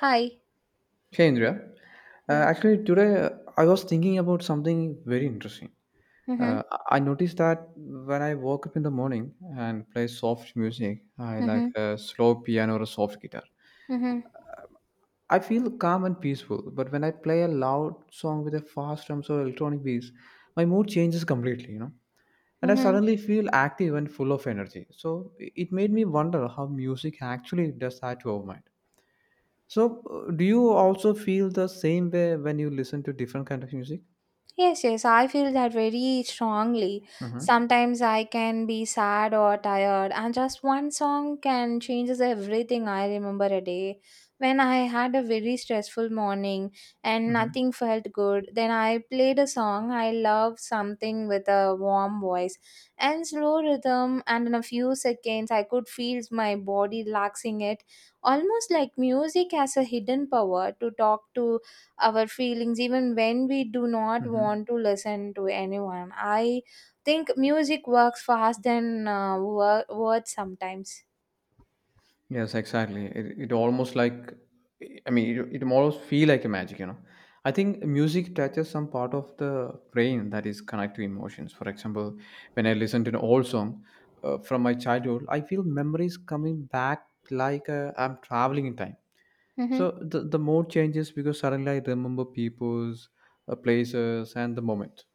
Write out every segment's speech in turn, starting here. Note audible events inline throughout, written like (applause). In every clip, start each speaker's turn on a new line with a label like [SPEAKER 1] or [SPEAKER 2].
[SPEAKER 1] Hi.
[SPEAKER 2] Hey Indra,
[SPEAKER 1] Yeah.
[SPEAKER 2] actually today, I was thinking about something very interesting. Uh,
[SPEAKER 1] Mhm.
[SPEAKER 2] I noticed that when I woke up in the morning and play soft music, I like
[SPEAKER 1] Mhm.
[SPEAKER 2] a slow piano or a soft guitar.
[SPEAKER 1] Mhm.
[SPEAKER 2] I feel calm and peaceful, but when I play a loud song with a fast drums or electronic beats, my mood changes completely. And I
[SPEAKER 1] Mhm.
[SPEAKER 2] suddenly feel active and full of energy. So it made me wonder how music actually does that to our mind. So, do you also feel the same way when you listen to different kind of music?
[SPEAKER 1] Yes, yes, I feel that very strongly.
[SPEAKER 2] Mm-hmm.
[SPEAKER 1] Sometimes I can be sad or tired, and just one song can changes everything. I remember a day when I had a very stressful morning and
[SPEAKER 2] Mm-hmm.
[SPEAKER 1] nothing felt good. Then I played a song I love, something with a warm voice and slow rhythm, and in a few seconds, I could feel my body relaxing it, almost like music has a hidden power to talk to our feelings even when we do not want
[SPEAKER 2] Mm-hmm.
[SPEAKER 1] to listen to anyone. I think music works fast than words sometimes.
[SPEAKER 2] Yes, exactly. It almost like, I mean, it almost feel like a magic. I think music touches some part of the brain that is connected to emotions. For example, when I listen to an old song from my childhood, I feel memories coming back like I'm traveling in time.
[SPEAKER 1] Mm-hmm.
[SPEAKER 2] So the mood changes because suddenly I remember people's places and the moment.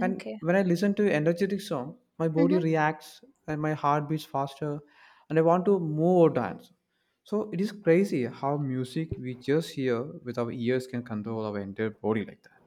[SPEAKER 2] And when I listen to energetic song, my body
[SPEAKER 1] Mm-hmm.
[SPEAKER 2] reacts and my heart beats faster and I want to move or dance. So it is crazy how music we just hear with our ears can control our entire body like that.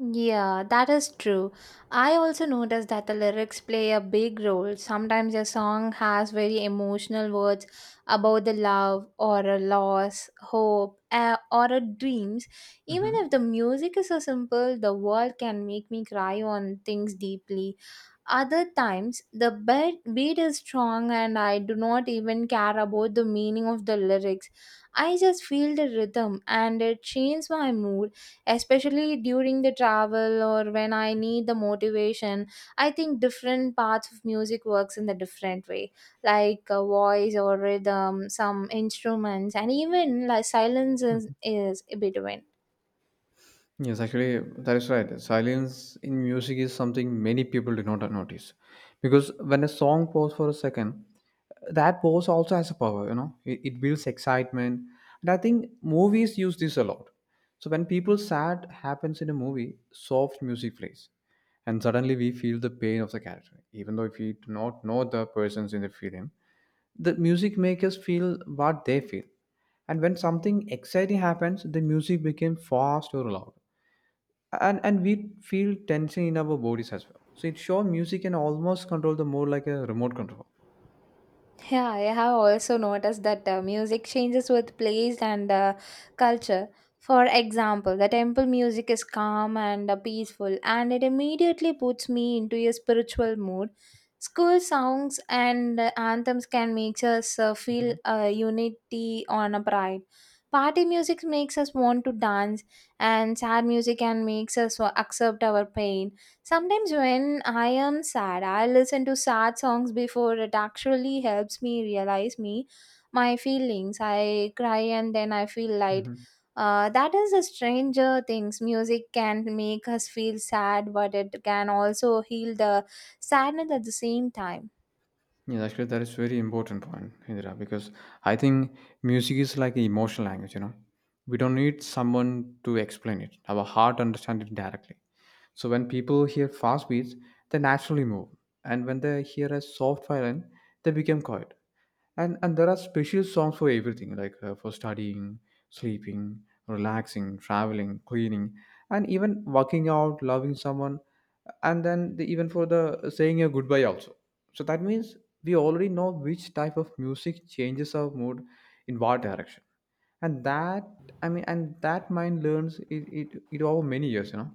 [SPEAKER 1] Yeah, that is true. I also noticed that the lyrics play a big role. Sometimes a song has very emotional words about the love or a loss, hope, or a dreams. Even if
[SPEAKER 2] Hmm.
[SPEAKER 1] the music is so simple, the world can make me cry on things deeply. Other times, the beat is strong and I do not even care about the meaning of the lyrics. I just feel the rhythm and it changes my mood, especially during the travel or when I need the motivation. I think different parts of music works in a different way, like a voice or rhythm, some instruments, and even like silence is between.
[SPEAKER 2] Yes, actually, that is right. Silence in music is something many people do not notice. Because when a song pauses for a second, that pause also has a power, it builds excitement. And I think movies use this a lot. So when people sad happens in a movie, soft music plays. And suddenly we feel the pain of the character. Even though if we do not know the persons in the film, the music makes us feel what they feel. And when something exciting happens, the music becomes fast or loud, and we feel tension in our bodies as well, so it sure music can almost control the more like a remote control.
[SPEAKER 1] Yeah, I have also noticed that music changes with place and culture. For example, the temple music is calm and peaceful, and it immediately puts me into a spiritual mood. School songs and anthems can make us feel
[SPEAKER 2] Mhm,
[SPEAKER 1] unity on a pride. Party music makes us want to dance, and sad music can makes us accept our pain. Sometimes when I am sad, I listen to sad songs before it actually helps me realize me my feelings. I cry and then I feel light.
[SPEAKER 2] mhm.
[SPEAKER 1] That is a stranger things. Music can make us feel sad, but it can also heal the sadness at the same time.
[SPEAKER 2] Yes, actually, that is very important point, Indira, because I think music is like an emotional language. We don't need someone to explain it. Our heart understands it directly. So when people hear fast beats, they naturally move, and when they hear a soft violin, they become quiet. And there are special songs for everything, like for studying, sleeping, relaxing, traveling, cleaning, and even working out, loving someone, and then even for the saying a goodbye also, so that means we already know which type of music changes our mood in what direction. And that, I mean, and that mind learns it, it over many years.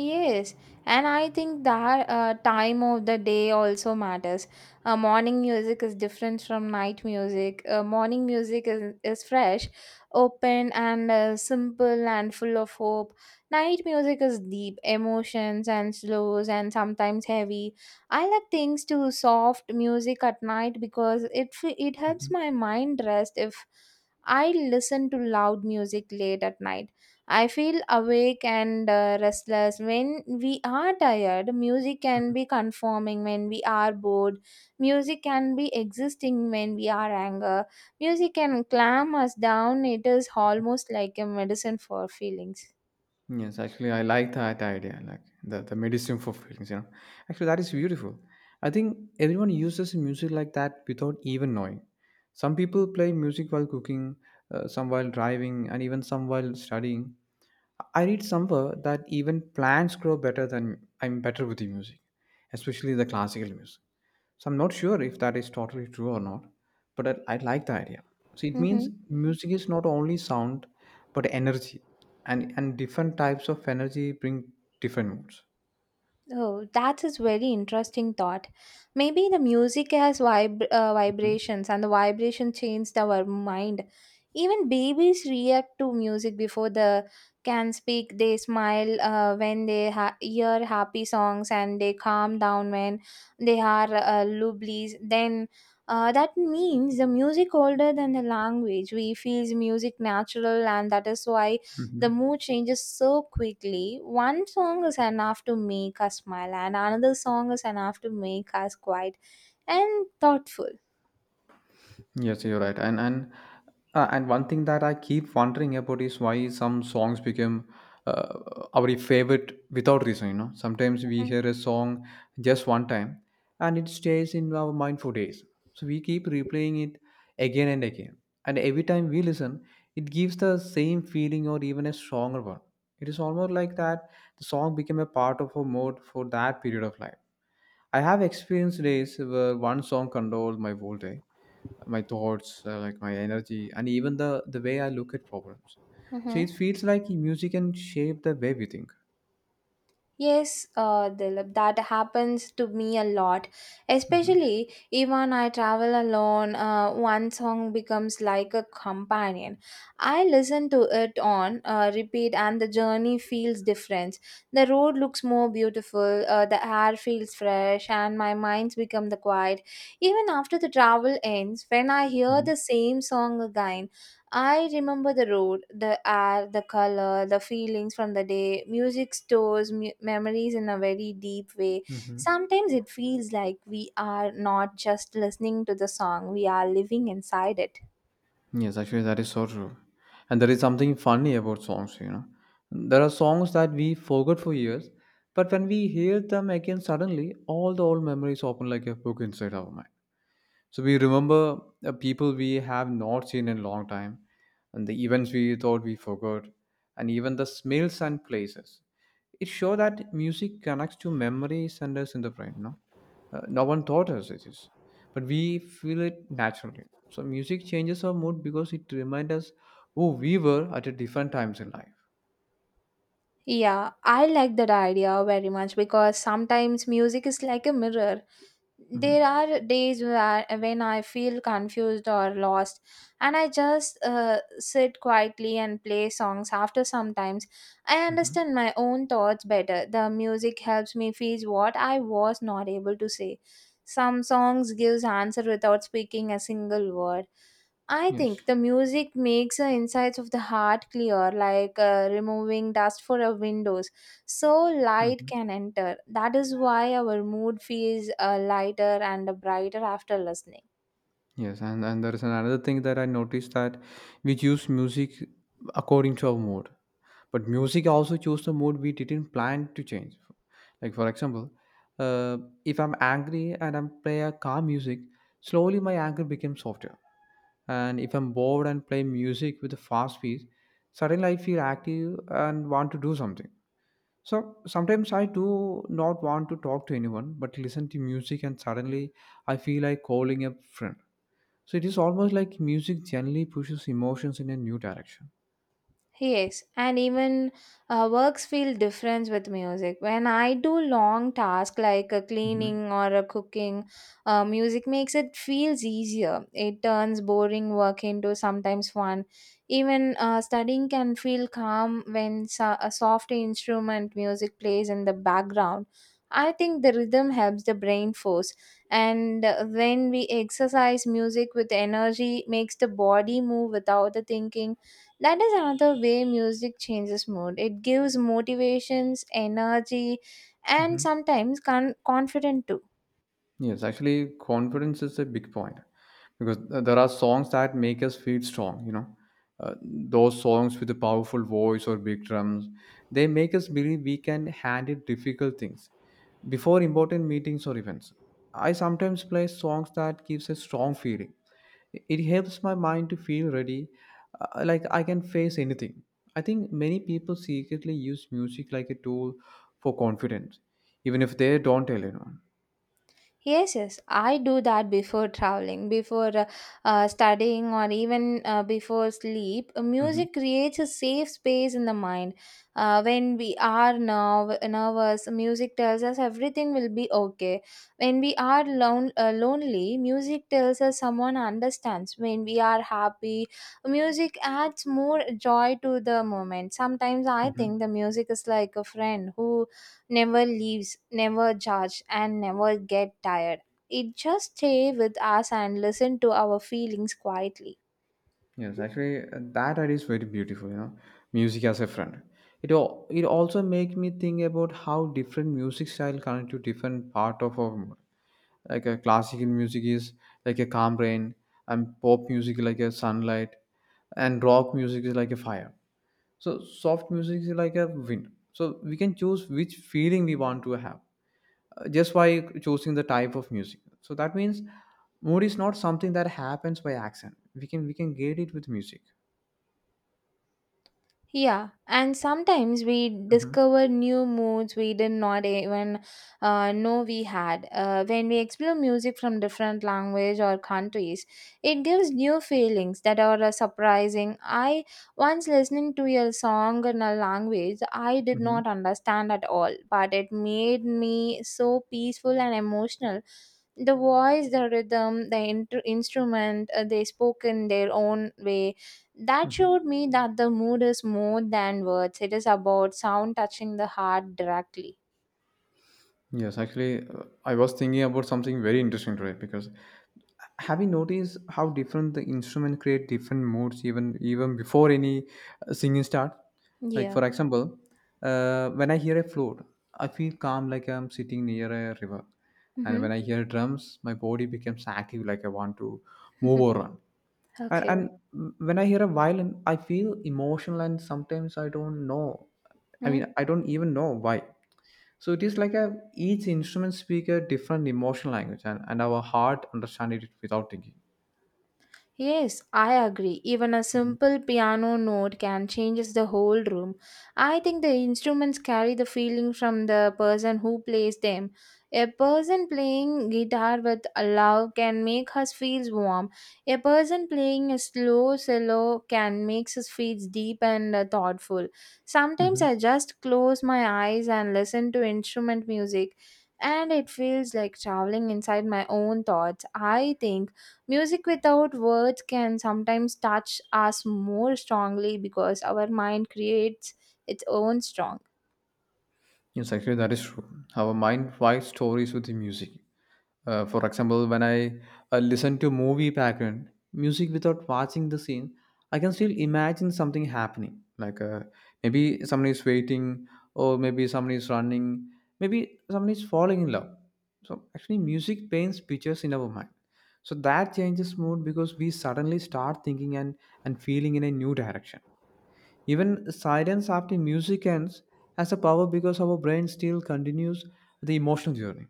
[SPEAKER 1] Yes, and I think that time of the day also matters. Morning music is different from night music. Morning music is fresh, open, and simple and full of hope. Night music is deep, emotions and slows, and sometimes heavy. I like things to soft music at night because it helps
[SPEAKER 2] Mhm,
[SPEAKER 1] my mind rest if I listen to loud music late at night I feel awake and restless when we are tired. Music can
[SPEAKER 2] mhm.
[SPEAKER 1] be conforming when we are bored. Music can be existing when we are anger. Music can calm us down. It is almost like a medicine for feelings.
[SPEAKER 2] Yes, actually, I like that idea, like the medicine for feelings. Actually, that is beautiful. I think everyone uses music like that without even knowing. Some people play music while cooking, some while driving, and even some while studying. I read somewhere that even plants grow better than I'm better with the music, especially the classical music. So I'm not sure if that is totally true or not, but I like the idea. So it means
[SPEAKER 1] Mhm.
[SPEAKER 2] music is not only sound, but energy, and different types of energy bring different moods.
[SPEAKER 1] Oh, that is very interesting thought. Maybe the music has
[SPEAKER 2] Mhm.
[SPEAKER 1] vibrations and the vibration changes our mind. Even babies react to music before they can speak. They smile when they hear happy songs and they calm down when they are lublies. Then that means the music older than the language. We feels music natural and that is why the
[SPEAKER 2] Mhm.
[SPEAKER 1] mood changes so quickly. One song is enough to make us smile, and another song is enough to make us quiet and thoughtful.
[SPEAKER 2] Yes, you're right. And one thing that I keep wondering about is why some songs become uh, our favorite without reason. Sometimes we hear a song just one time, and it stays in our mind for days. So we keep replaying it again and again. And every time we listen, it gives the same feeling or even a stronger one. It is almost like that the song became a part of our mood for that period of life. I have experienced days where one song controlled my whole day, my thoughts, like my energy, and even the way I look at problems, so
[SPEAKER 1] Mm-hmm.
[SPEAKER 2] it feels like music can shape the way we think.
[SPEAKER 1] Yes, Dilip, that happens to me a lot.
[SPEAKER 2] Hmm.
[SPEAKER 1] Especially even I travel alone, one song becomes like a companion. I listen to it on repeat, and the journey feels different. The road looks more beautiful, the air feels fresh, and my mind's become the quiet. Even after the travel ends, when I hear
[SPEAKER 2] Mhm.
[SPEAKER 1] the same song again, I remember the road, the air, the color, the feelings from the day. Music stores memories in a very deep way.
[SPEAKER 2] Mhm.
[SPEAKER 1] Sometimes it feels like we are not just listening to the song, we are living inside it.
[SPEAKER 2] Yes, actually, that is so true. And there is something funny about songs. There are songs that we forgot for years, but when we hear them again suddenly, all the old memories open like a book inside our mind. So we remember people we have not seen in a long time, and the events we thought we forgot, and even the smells and places. It show that music connects to memory centers in the brain. No, no one taught us it is, but we feel it naturally, so music changes our mood because it reminds us who we were at a different times in life.
[SPEAKER 1] Yeah, I like that idea very much because sometimes music is like a mirror. There
[SPEAKER 2] Hmm.
[SPEAKER 1] are days where when I feel confused or lost, and I just sit quietly and play songs. After sometimes, I
[SPEAKER 2] Hmm.
[SPEAKER 1] understand my own thoughts better. The music helps me feel what I was not able to say. Some songs gives answer without speaking a single word. I
[SPEAKER 2] Yes.
[SPEAKER 1] think the music makes the insides of the heart clear, like removing dust for our windows, so light
[SPEAKER 2] Hmm.
[SPEAKER 1] can enter. That is why our mood feels lighter and brighter after listening.
[SPEAKER 2] Yes, and there is another thing that I noticed that we choose music according to our mood. But music also chose the mood we didn't plan to change. Like for example, uh, if I'm angry and I'm play a calm music, slowly my anger becomes softer. And if I'm bored and play music with a fast beat, suddenly I feel active and want to do something. So sometimes I do not want to talk to anyone, but listen to music and suddenly I feel like calling a friend, so it is almost like music generally pushes emotions in a new direction.
[SPEAKER 1] Yes, and even works feel different with music. When I do long tasks like a
[SPEAKER 2] Hmm.
[SPEAKER 1] cleaning or a cooking, music makes it feels easier. It turns boring work into sometimes fun. Even studying can feel calm when a soft instrument music plays in the background. I think the rhythm helps the brain force, and when we exercise, music with energy makes the body move without the thinking that is another way music changes mood. It gives motivations, energy, and
[SPEAKER 2] Hmm.
[SPEAKER 1] sometimes confidence too.
[SPEAKER 2] Yes, actually, confidence is a big point because there are songs that make us feel strong. Those songs with a powerful voice or big drums, they make us believe we can handle difficult things before important meetings or events. I sometimes play songs that gives a strong feeling. It helps my mind to feel ready, like I can face anything. I think many people secretly use music like a tool for confidence, even if they don't tell anyone.
[SPEAKER 1] Yes, yes, I do that before traveling, before studying, or even before sleep.
[SPEAKER 2] Mm-hmm.
[SPEAKER 1] Music creates a safe space in the mind. When we are nervous, music tells us everything will be okay. When we are lonely, music tells us someone understands. When we are happy, music adds more joy to the moment. Sometimes I
[SPEAKER 2] Hmm.
[SPEAKER 1] think the music is like a friend who never leaves, never judge, and never get tired. It just stay with us and listen to our feelings quietly.
[SPEAKER 2] Yes, actually, that idea is very beautiful. You know, music as a friend. It also make me think about how different music style connect to different part of our mood. Like a classical music is like a calm rain, and pop music like a sunlight, and rock music is like a fire. So soft music is like a wind. So we can choose which feeling we want to have, just by choosing the type of music, so that means mood is not something that happens by accident. We can get it with music.
[SPEAKER 1] Yeah, and sometimes we
[SPEAKER 2] Hmm.
[SPEAKER 1] discover new moods we did not even know we had. When we explore music from different language or countries, it gives new feelings that are surprising. I once listening to a song in a language I did
[SPEAKER 2] Hmm.
[SPEAKER 1] not understand at all, but it made me so peaceful and emotional. The voice, the rhythm, the instrument, they spoke in their own way that showed me that the mood is more than words. It is about sound touching the heart directly.
[SPEAKER 2] Yes, actually, I was thinking about something very interesting today, because have you noticed how different the instrument create different moods, even before any singing start? Like
[SPEAKER 1] Yeah.
[SPEAKER 2] for example, when I hear a flute, I feel calm like I'm sitting near a river. And when
[SPEAKER 1] Mm-hmm.
[SPEAKER 2] I hear drums, my body becomes active like I want to move or run.
[SPEAKER 1] (laughs)
[SPEAKER 2] And,
[SPEAKER 1] okay.
[SPEAKER 2] and when I hear a violin, I feel emotional, and sometimes I don't know. I mean, I don't even know why. So it is like a each instrument speak a different emotional language, and our heart understand it without thinking.
[SPEAKER 1] Yes, I agree. Even a simple piano note can change the whole room. I think the instruments carry the feeling from the person who plays them. A person playing guitar with a love can make us feel warm. A person playing a slow cello can make us feel deep and thoughtful. Sometimes
[SPEAKER 2] Hmm.
[SPEAKER 1] I just close my eyes and listen to instrument music and it feels like traveling inside my own thoughts. I think music without words can sometimes touch us more strongly because our mind creates its own strong.
[SPEAKER 2] Yes, actually, that is true. Our mind writes stories with the music. For example, when I listen to movie background music without watching the scene, I can still imagine something happening. Like, maybe someone is waiting, or maybe someone is running, maybe someone is falling in love. So actually, music paints pictures in our mind. So that changes mood because we suddenly start thinking and feeling in a new direction. Even silence after music ends has a power because our brain still continues the emotional journey.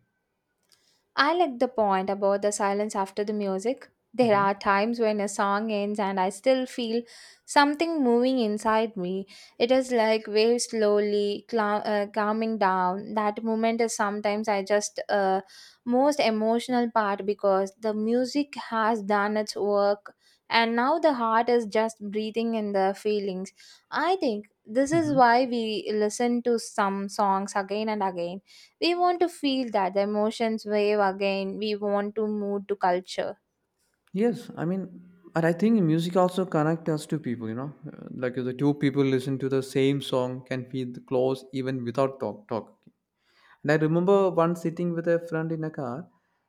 [SPEAKER 1] I like the point about the silence after the music. There
[SPEAKER 2] Mhm.
[SPEAKER 1] are times when a song ends and I still feel something moving inside me. It is like waves slowly calming down. That moment is sometimes I just most emotional part because the music has done its work and now the heart is just breathing in the feelings. I think this is
[SPEAKER 2] Mhm.
[SPEAKER 1] why we listen to some songs again and again we want to feel that the emotions wave again. We want to move to culture.
[SPEAKER 2] Yes, I mean, and I think music also connect us to people. Like the two people listen to the same song can feel close even without talk. And I remember once sitting with a friend in a car,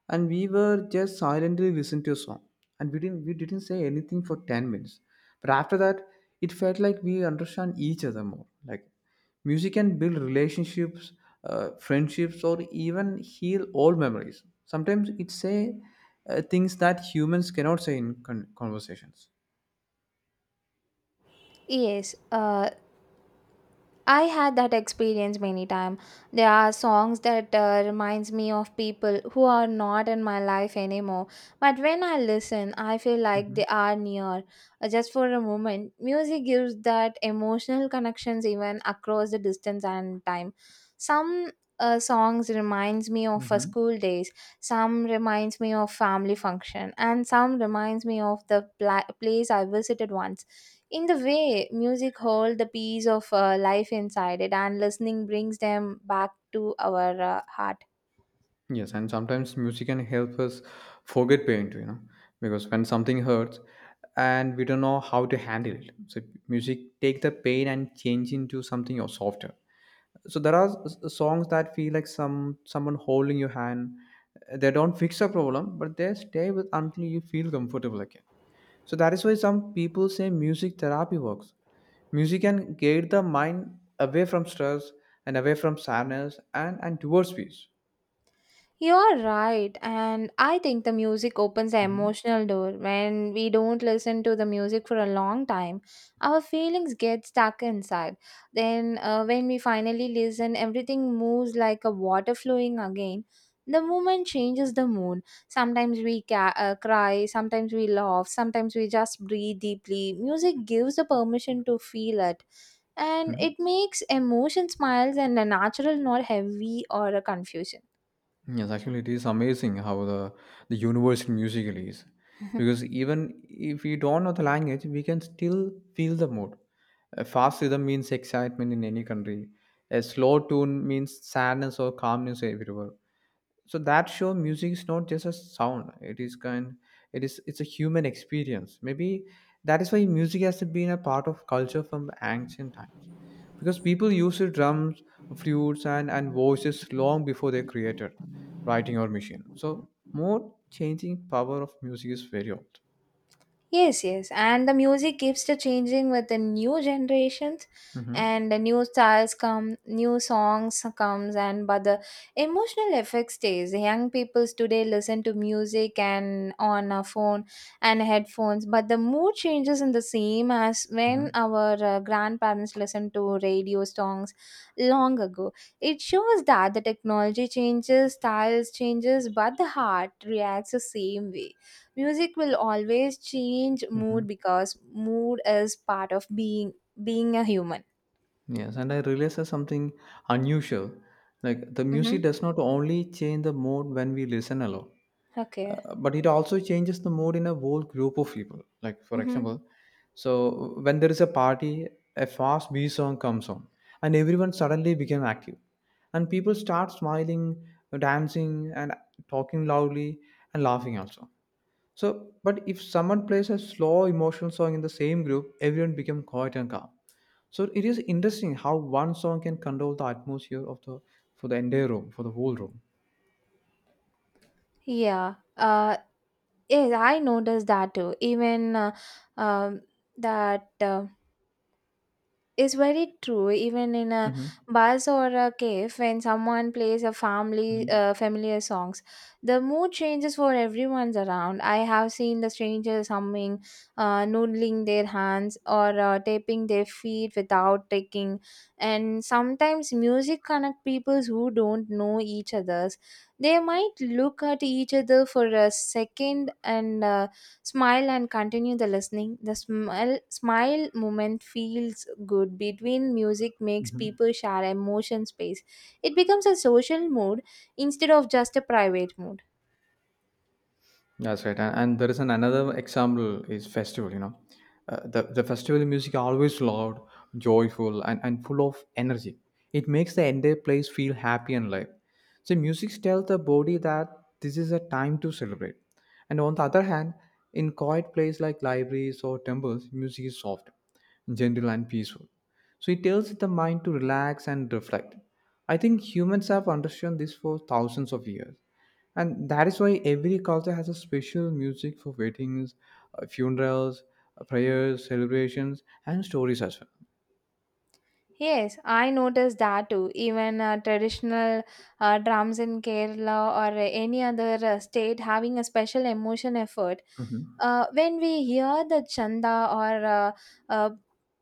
[SPEAKER 2] and we were just silently listening to a song, and we didn't say anything for 10 minutes. But after that, it felt like we understand each other more. Like music can build relationships, friendships, or even heal old memories. Sometimes it say things that humans cannot say in conversations.
[SPEAKER 1] Yes, I had that experience many times. There are songs that reminds me of people who are not in my life anymore. But when I listen, I feel like they are near. Just for a moment, music gives that emotional connections even across the distance and time. Some songs reminds me of
[SPEAKER 2] Mm-hmm.
[SPEAKER 1] school days. Some reminds me of family function, and some reminds me of the place I visited once in the way music holds the piece of life inside it and listening brings them back to our heart.
[SPEAKER 2] Yes, and sometimes music can help us forget pain too, because when something hurts and we don't know how to handle it, so music take the pain and change into something or softer. So there are songs that feel like someone holding your hand. They don't fix a problem, but they stay with until you feel comfortable again. So that is why some people say music therapy works. Music can guide the mind away from stress and away from sadness and towards peace.
[SPEAKER 1] You're right, and I think the music opens the
[SPEAKER 2] Mhm.
[SPEAKER 1] emotional door. When we don't listen to the music for a long time, our feelings get stuck inside. Then, when we finally listen, everything moves like a water flowing again. The moment changes the mood. Sometimes we cry, sometimes we laugh, sometimes we just breathe deeply. Music gives the permission to feel it, and
[SPEAKER 2] Mhm.
[SPEAKER 1] it makes emotion smiles and natural, not heavy or a confusion.
[SPEAKER 2] Yes, actually, it is amazing how the universal musical is, because even if we don't know the language, we can still feel the mood. A fast rhythm means excitement in any country. A slow tune means sadness or calmness everywhere, so that show music is not just a sound. It's a human experience maybe. That is why music has been a part of culture from ancient times, because people used drums, flutes, and voices long before they created writing or machine. So more changing power of music is very old.
[SPEAKER 1] Yes, yes. And the music keeps the changing with the new generations
[SPEAKER 2] hmm
[SPEAKER 1] and the new styles come, new songs comes and but the emotional effect stays. The young peoples today listen to music and on a phone and headphones, but the mood changes in the same as when
[SPEAKER 2] hmm
[SPEAKER 1] our grandparents listened to radio songs long ago. It shows that the technology changes, styles changes, but the heart reacts the same way. Music will always change
[SPEAKER 2] hmm
[SPEAKER 1] mood because mood is part of being a human.
[SPEAKER 2] Yes, and I realized that something unusual. Like, the
[SPEAKER 1] Mm-hmm.
[SPEAKER 2] music does not only change the mood when we listen alone.
[SPEAKER 1] Okay.
[SPEAKER 2] But it also changes the mood in a whole group of people. Like, for
[SPEAKER 1] Mm-hmm.
[SPEAKER 2] example, so when there is a party, a fast B song comes on, and everyone suddenly became active, and people start smiling, dancing, and talking loudly and laughing also. So, but if someone plays a slow emotional song in the same group, everyone become quiet and calm. So it is interesting how one song can control the atmosphere of the for the entire room, for the whole room.
[SPEAKER 1] Yeah. Yes, I noticed that too. Even um, that. Is very true even in a
[SPEAKER 2] hmm
[SPEAKER 1] bus or a cave when someone plays a family familiar songs. The mood changes for everyone's around. I have seen the strangers humming, noodling their hands or tapping their feet without taking. And sometimes music connect people who don't know each others. They might look at each other for a second and smile and continue the listening. The smile moment feels good between music makes
[SPEAKER 2] hmm
[SPEAKER 1] people share emotion space. It becomes a social mood instead of just a private mood.
[SPEAKER 2] That's right, and there is an another example is festival. You know, the festival music always loud, joyful, and full of energy. It makes the entire place feel happy and live. So music tells the body that this is a time to celebrate. And on the other hand, in quiet places like libraries or temples, music is soft, gentle, and peaceful. So it tells the mind to relax and reflect. I think humans have understood this for thousands of years, and that is why every culture has a special music for weddings, funerals, prayers, celebrations, and stories as well.
[SPEAKER 1] Yes, I noticed that too. Even traditional drums in Kerala or any other state having a special emotion effort.
[SPEAKER 2] Mhm.
[SPEAKER 1] When we hear the chanda or uh,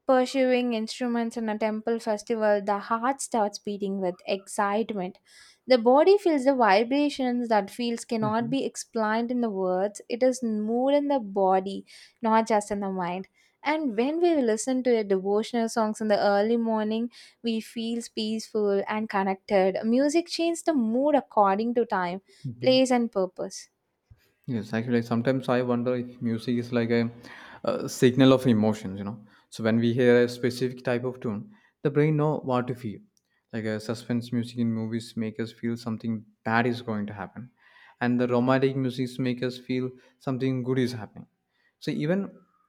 [SPEAKER 1] pursuing instruments in a temple festival, the heart starts beating with excitement. The body feels the vibrations that feels cannot
[SPEAKER 2] Mhm.
[SPEAKER 1] be explained in the words. It is mood in the body, not just in the mind. And when we listen to a devotional songs in the early morning, we feel peaceful and connected. Music changes the mood according to time,
[SPEAKER 2] Mhm.
[SPEAKER 1] place and purpose.
[SPEAKER 2] Yes, actually, like, sometimes I wonder if music is like a, signal of emotions, you know. So when we hear a specific type of tune, the brain know what to feel. Like, a suspense music in movies make us feel something bad is going to happen, and the romantic music make us feel something good is happening. So even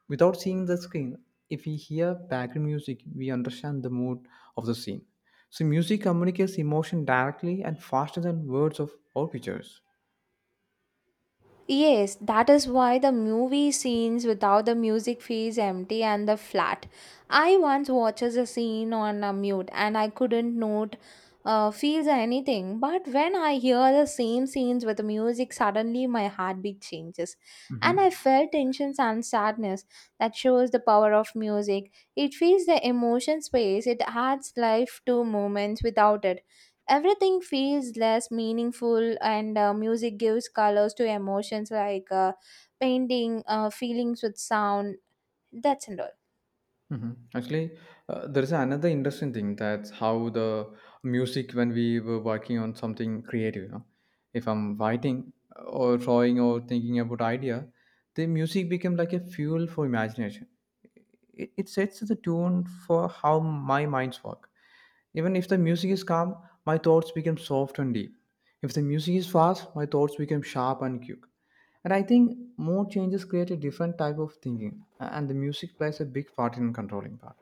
[SPEAKER 2] without seeing the screen, if we hear background music, we understand the mood of the scene. So music communicates emotion directly and faster than words of or pictures.
[SPEAKER 1] Yes, that is why the movie scenes without the music feels empty and the flat. I once watched a scene on a mute and I couldn't note feels or anything. But when I hear the same scenes with the music, suddenly my heartbeat changes, and I
[SPEAKER 2] hmm
[SPEAKER 1] felt tensions and sadness. That shows the power of music. It fills the emotion space. It adds life to moments. Without it everything feels less meaningful, and music gives colors to emotions, like painting feelings with sound. That's all.
[SPEAKER 2] Mhm. Actually, there is another interesting thing that's how the music when we were working on something creative, you know, if I'm writing or drawing or thinking about idea, the music became like a fuel for imagination. It sets the tune for how my minds work. Even if the music is calm, my thoughts become soft and deep. If the music is fast, my thoughts become sharp and quick. And I think more changes create a different type of thinking, and the music plays a big part in controlling that.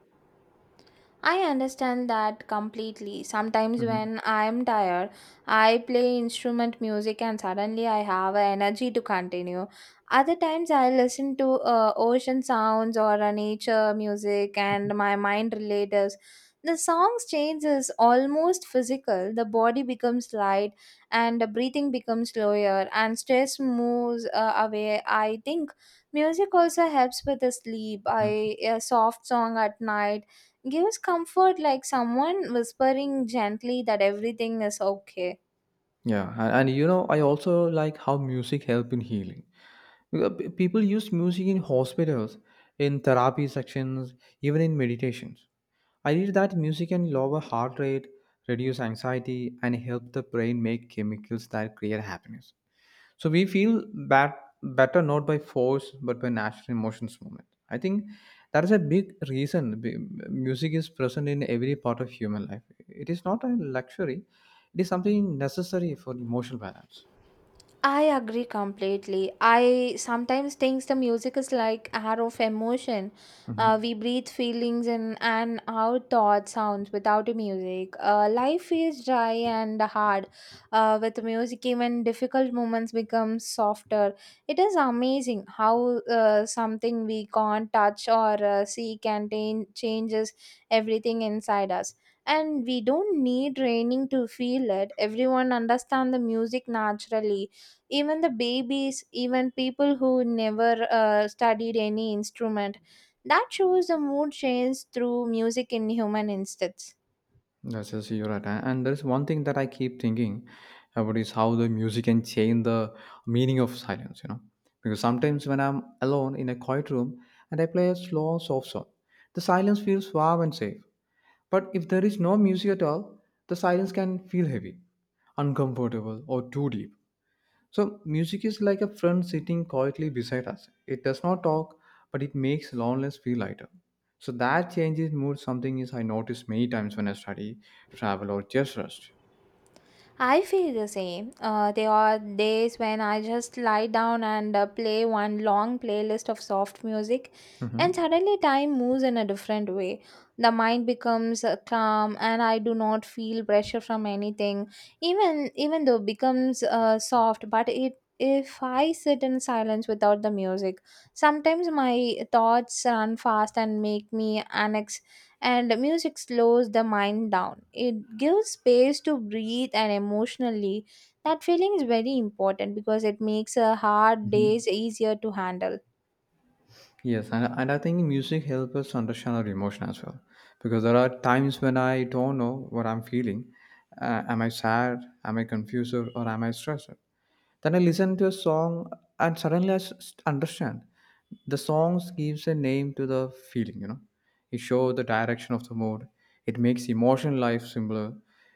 [SPEAKER 1] I understand that completely. Sometimes
[SPEAKER 2] Mhm,
[SPEAKER 1] when I am tired, I play instrument music and suddenly I have a energy to continue. Other times I listen to ocean sounds or a nature music and my mind relates. The songs changes almost physical. The body becomes light and the breathing becomes slower and stress moves away. I think music also helps with the sleep.
[SPEAKER 2] mhm.
[SPEAKER 1] I a soft song at night gives comfort, like someone whispering gently that everything is okay.
[SPEAKER 2] Yeah, and you know, I also like how music help in healing. Because people use music in hospitals, in therapy sections, even in meditations. I read that music can lower heart rate, reduce anxiety, and help the brain make chemicals that create happiness. So we feel that better not by force but by natural emotions movement. I think that is a big reason music is present in every part of human life. It is not a luxury; it is something necessary for emotional balance.
[SPEAKER 1] I agree completely. I sometimes thinks the music is like air of emotion.
[SPEAKER 2] Mm-hmm.
[SPEAKER 1] We breathe feelings in and out thought sounds without the music. Life feels dry and hard. With music, even difficult moments become softer. It is amazing how something we can't touch or see can changes everything inside us. And we don't need training to feel it. Everyone understand the music naturally, even the babies, even people who never studied any instrument. That shows the mood change through music in human instance.
[SPEAKER 2] Yes, yes, you're right. And there's one thing that I keep thinking about is how the music can change the meaning of silence, you know. Because sometimes when I'm alone in a quiet room and I play a slow, soft song, the silence feels warm and safe. But if there is no music at all, the silence can feel heavy, uncomfortable, or too deep. So, music is like a friend sitting quietly beside us. It does not talk, but it makes loneliness feel lighter. So, that changes mood something is I notice many times when I study, travel, or just rest.
[SPEAKER 1] I feel the same. There are days when I just lie down and play one long playlist of soft music, and
[SPEAKER 2] Mhm.
[SPEAKER 1] suddenly time moves in a different way. The mind becomes calm, and I do not feel pressure from anything. Even though it becomes soft, but it if I sit in silence without the music, sometimes my thoughts run fast and make me unex, and music slows the mind down. It gives space to breathe and emotionally. That feeling is very important because it makes a hard days easier to handle.
[SPEAKER 2] Yes, and I think music helps us understand our emotion as well. Because there are times when I don't know what I'm feeling. Am I sad? Am I confused? Or am I stressed? Then I listen to a song and suddenly I understand. The songs gives a name to the feeling, you know. It shows the direction of the mood. It makes emotion life simpler.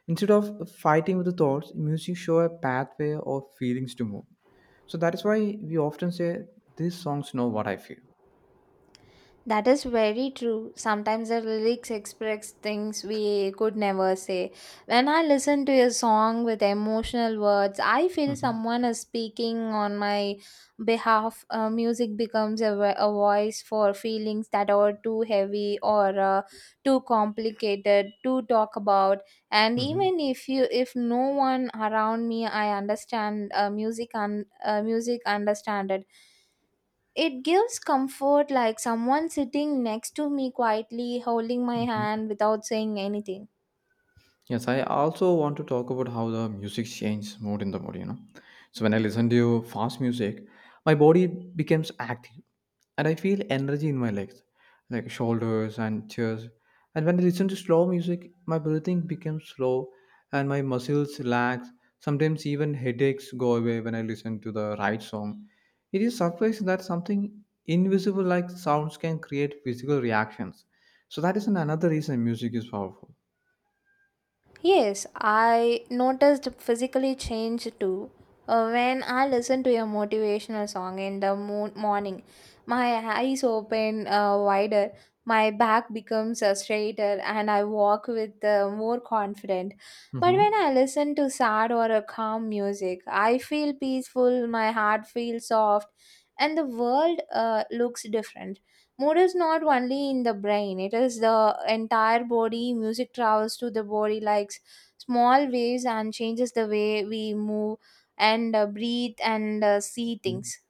[SPEAKER 2] Instead of fighting with the thoughts, music shows a pathway of feelings to move. So that is why we often say, these songs know what I feel.
[SPEAKER 1] That is very true. Sometimes the lyrics express things we could never say. When I listen to a song with emotional words, I
[SPEAKER 2] Hı
[SPEAKER 1] feel
[SPEAKER 2] hı.
[SPEAKER 1] someone is speaking on my behalf. Music becomes a, a voice for feelings that are too heavy or too complicated to talk about. And
[SPEAKER 2] Hı hı.
[SPEAKER 1] even if you, if no one around me, I understand music and music understand it. It gives comfort, like someone sitting next to me quietly holding
[SPEAKER 2] Hı
[SPEAKER 1] my
[SPEAKER 2] hı.
[SPEAKER 1] hand without saying anything.
[SPEAKER 2] Yes, I also want to talk about how the music changes mood in the body, you know. So when I listen to fast music, my body becomes active and I feel energy in my legs, like shoulders and chest. And when I listen to slow music, my breathing becomes slow and my muscles relax. Sometimes even headaches go away when I listen to the right song. It is surprising that something invisible like sounds can create physical reactions. So that is another reason music is powerful.
[SPEAKER 1] Yes, I noticed physically change too. When I listen to a motivational song in the morning, my eyes open wider, my back becomes straighter, and I walk with more confident. But
[SPEAKER 2] hmm
[SPEAKER 1] when I listen to sad or a calm music, I feel peaceful, my heart feels soft, and the world looks different. Mood is not only in the brain, it is the entire body. Music travels to the body like small waves and changes the way we move and breathe and see things.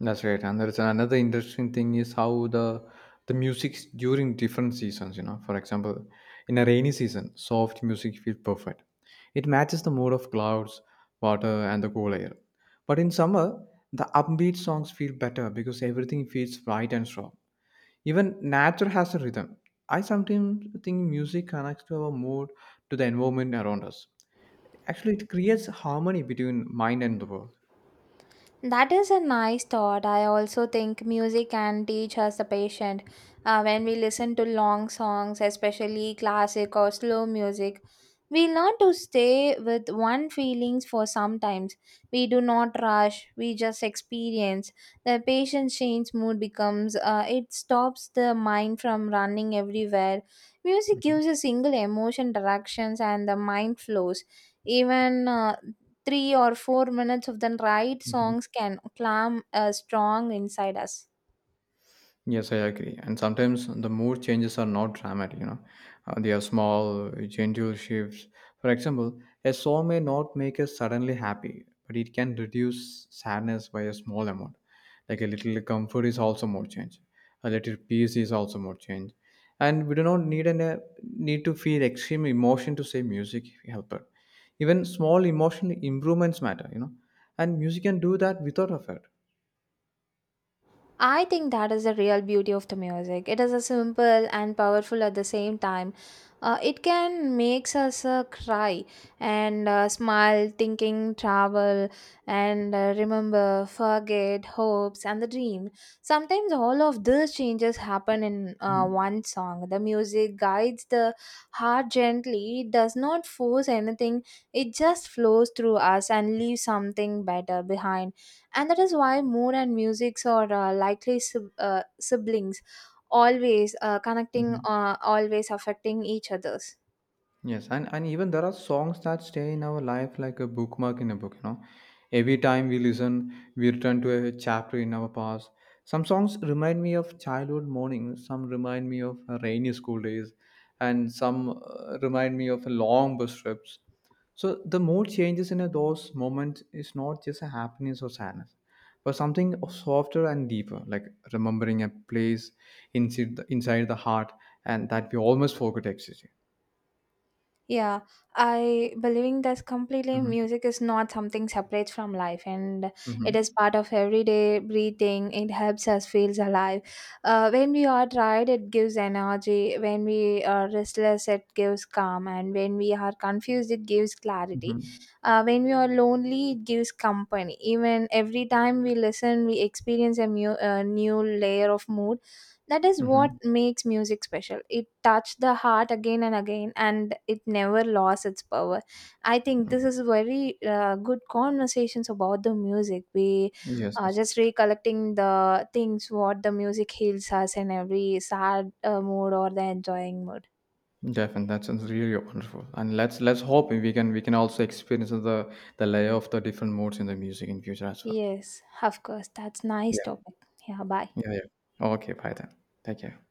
[SPEAKER 2] That's right, and there's another interesting thing is how the music during different seasons. You know, for example, in a rainy season, soft music feels perfect. It matches the mood of clouds, water, and the cool air. But in summer, the upbeat songs feel better because everything feels bright and strong. Even nature has a rhythm. I sometimes think music connects to our mood to the environment around us. Actually, it creates harmony between mind and the world.
[SPEAKER 1] That is a nice thought. I also think music can teach us the patient. When we listen to long songs, especially classic or slow music, we learn to stay with one feelings for some times. We do not rush, we just experience. The patient change mood becomes, it stops the mind from running everywhere. Music
[SPEAKER 2] Mhm.
[SPEAKER 1] gives a single emotion directions and the mind flows. Even 3 or 4 minutes of the right
[SPEAKER 2] Mhm.
[SPEAKER 1] songs can calm a strong inside us.
[SPEAKER 2] Yes, I agree. And sometimes the mood changes are not dramatic, you know. They are small, gentle shifts. For example, a song may not make us suddenly happy, but it can reduce sadness by a small amount. Like, a little comfort is also more change. A little peace is also more change. And we do not need need to feel extreme emotion to say music helper. Even small emotional improvements matter, you know. And music can do that without effort.
[SPEAKER 1] I think that is the real beauty of the music. It is a simple and powerful at the same time. It can makes us cry and smile, thinking, travel, and remember, forget, hopes, and the dream. Sometimes all of these changes happen in
[SPEAKER 2] Mhm.
[SPEAKER 1] one song. The music guides the heart gently. It does not force anything. It just flows through us and leaves something better behind. And that is why moon and musics are likely siblings, always connecting,
[SPEAKER 2] Mhm.
[SPEAKER 1] always affecting each others.
[SPEAKER 2] Yes, and even there are songs that stay in our life like a bookmark in a book, you know. Every time we listen, we return to a chapter in our past. Some songs remind me of childhood mornings, some remind me of rainy school days, and some remind me of long bus trips. So the mood changes in those moments is not just a happiness or sadness, but something softer and deeper, like remembering a place inside the heart and that we almost forgot existed.
[SPEAKER 1] Yeah, I believing that completely. Music is not something separate from life, and it is
[SPEAKER 2] hmm
[SPEAKER 1] part of everyday breathing. It helps us feels alive. When we are tired, it gives energy. When we are restless, it gives calm. And when we are confused, it gives clarity.
[SPEAKER 2] Mhm.
[SPEAKER 1] When we are lonely, it gives company. Even every time we listen, we experience a a new layer of mood. That is what
[SPEAKER 2] Mhm.
[SPEAKER 1] makes music special. It touched the heart again and again and it never lost its power. I think this is very good conversations about the music. We
[SPEAKER 2] Yes,
[SPEAKER 1] are
[SPEAKER 2] yes.
[SPEAKER 1] just recollecting the things what the music heals us in every sad mood or the enjoying mood.
[SPEAKER 2] Definitely. That sounds really wonderful. And let's hope we can also experience the layer of the different modes in the music in future as well.
[SPEAKER 1] Yes, of course, that's nice
[SPEAKER 2] Yeah.
[SPEAKER 1] topic. Yeah, bye.
[SPEAKER 2] Yeah, yeah. Okay, bye then. Take care.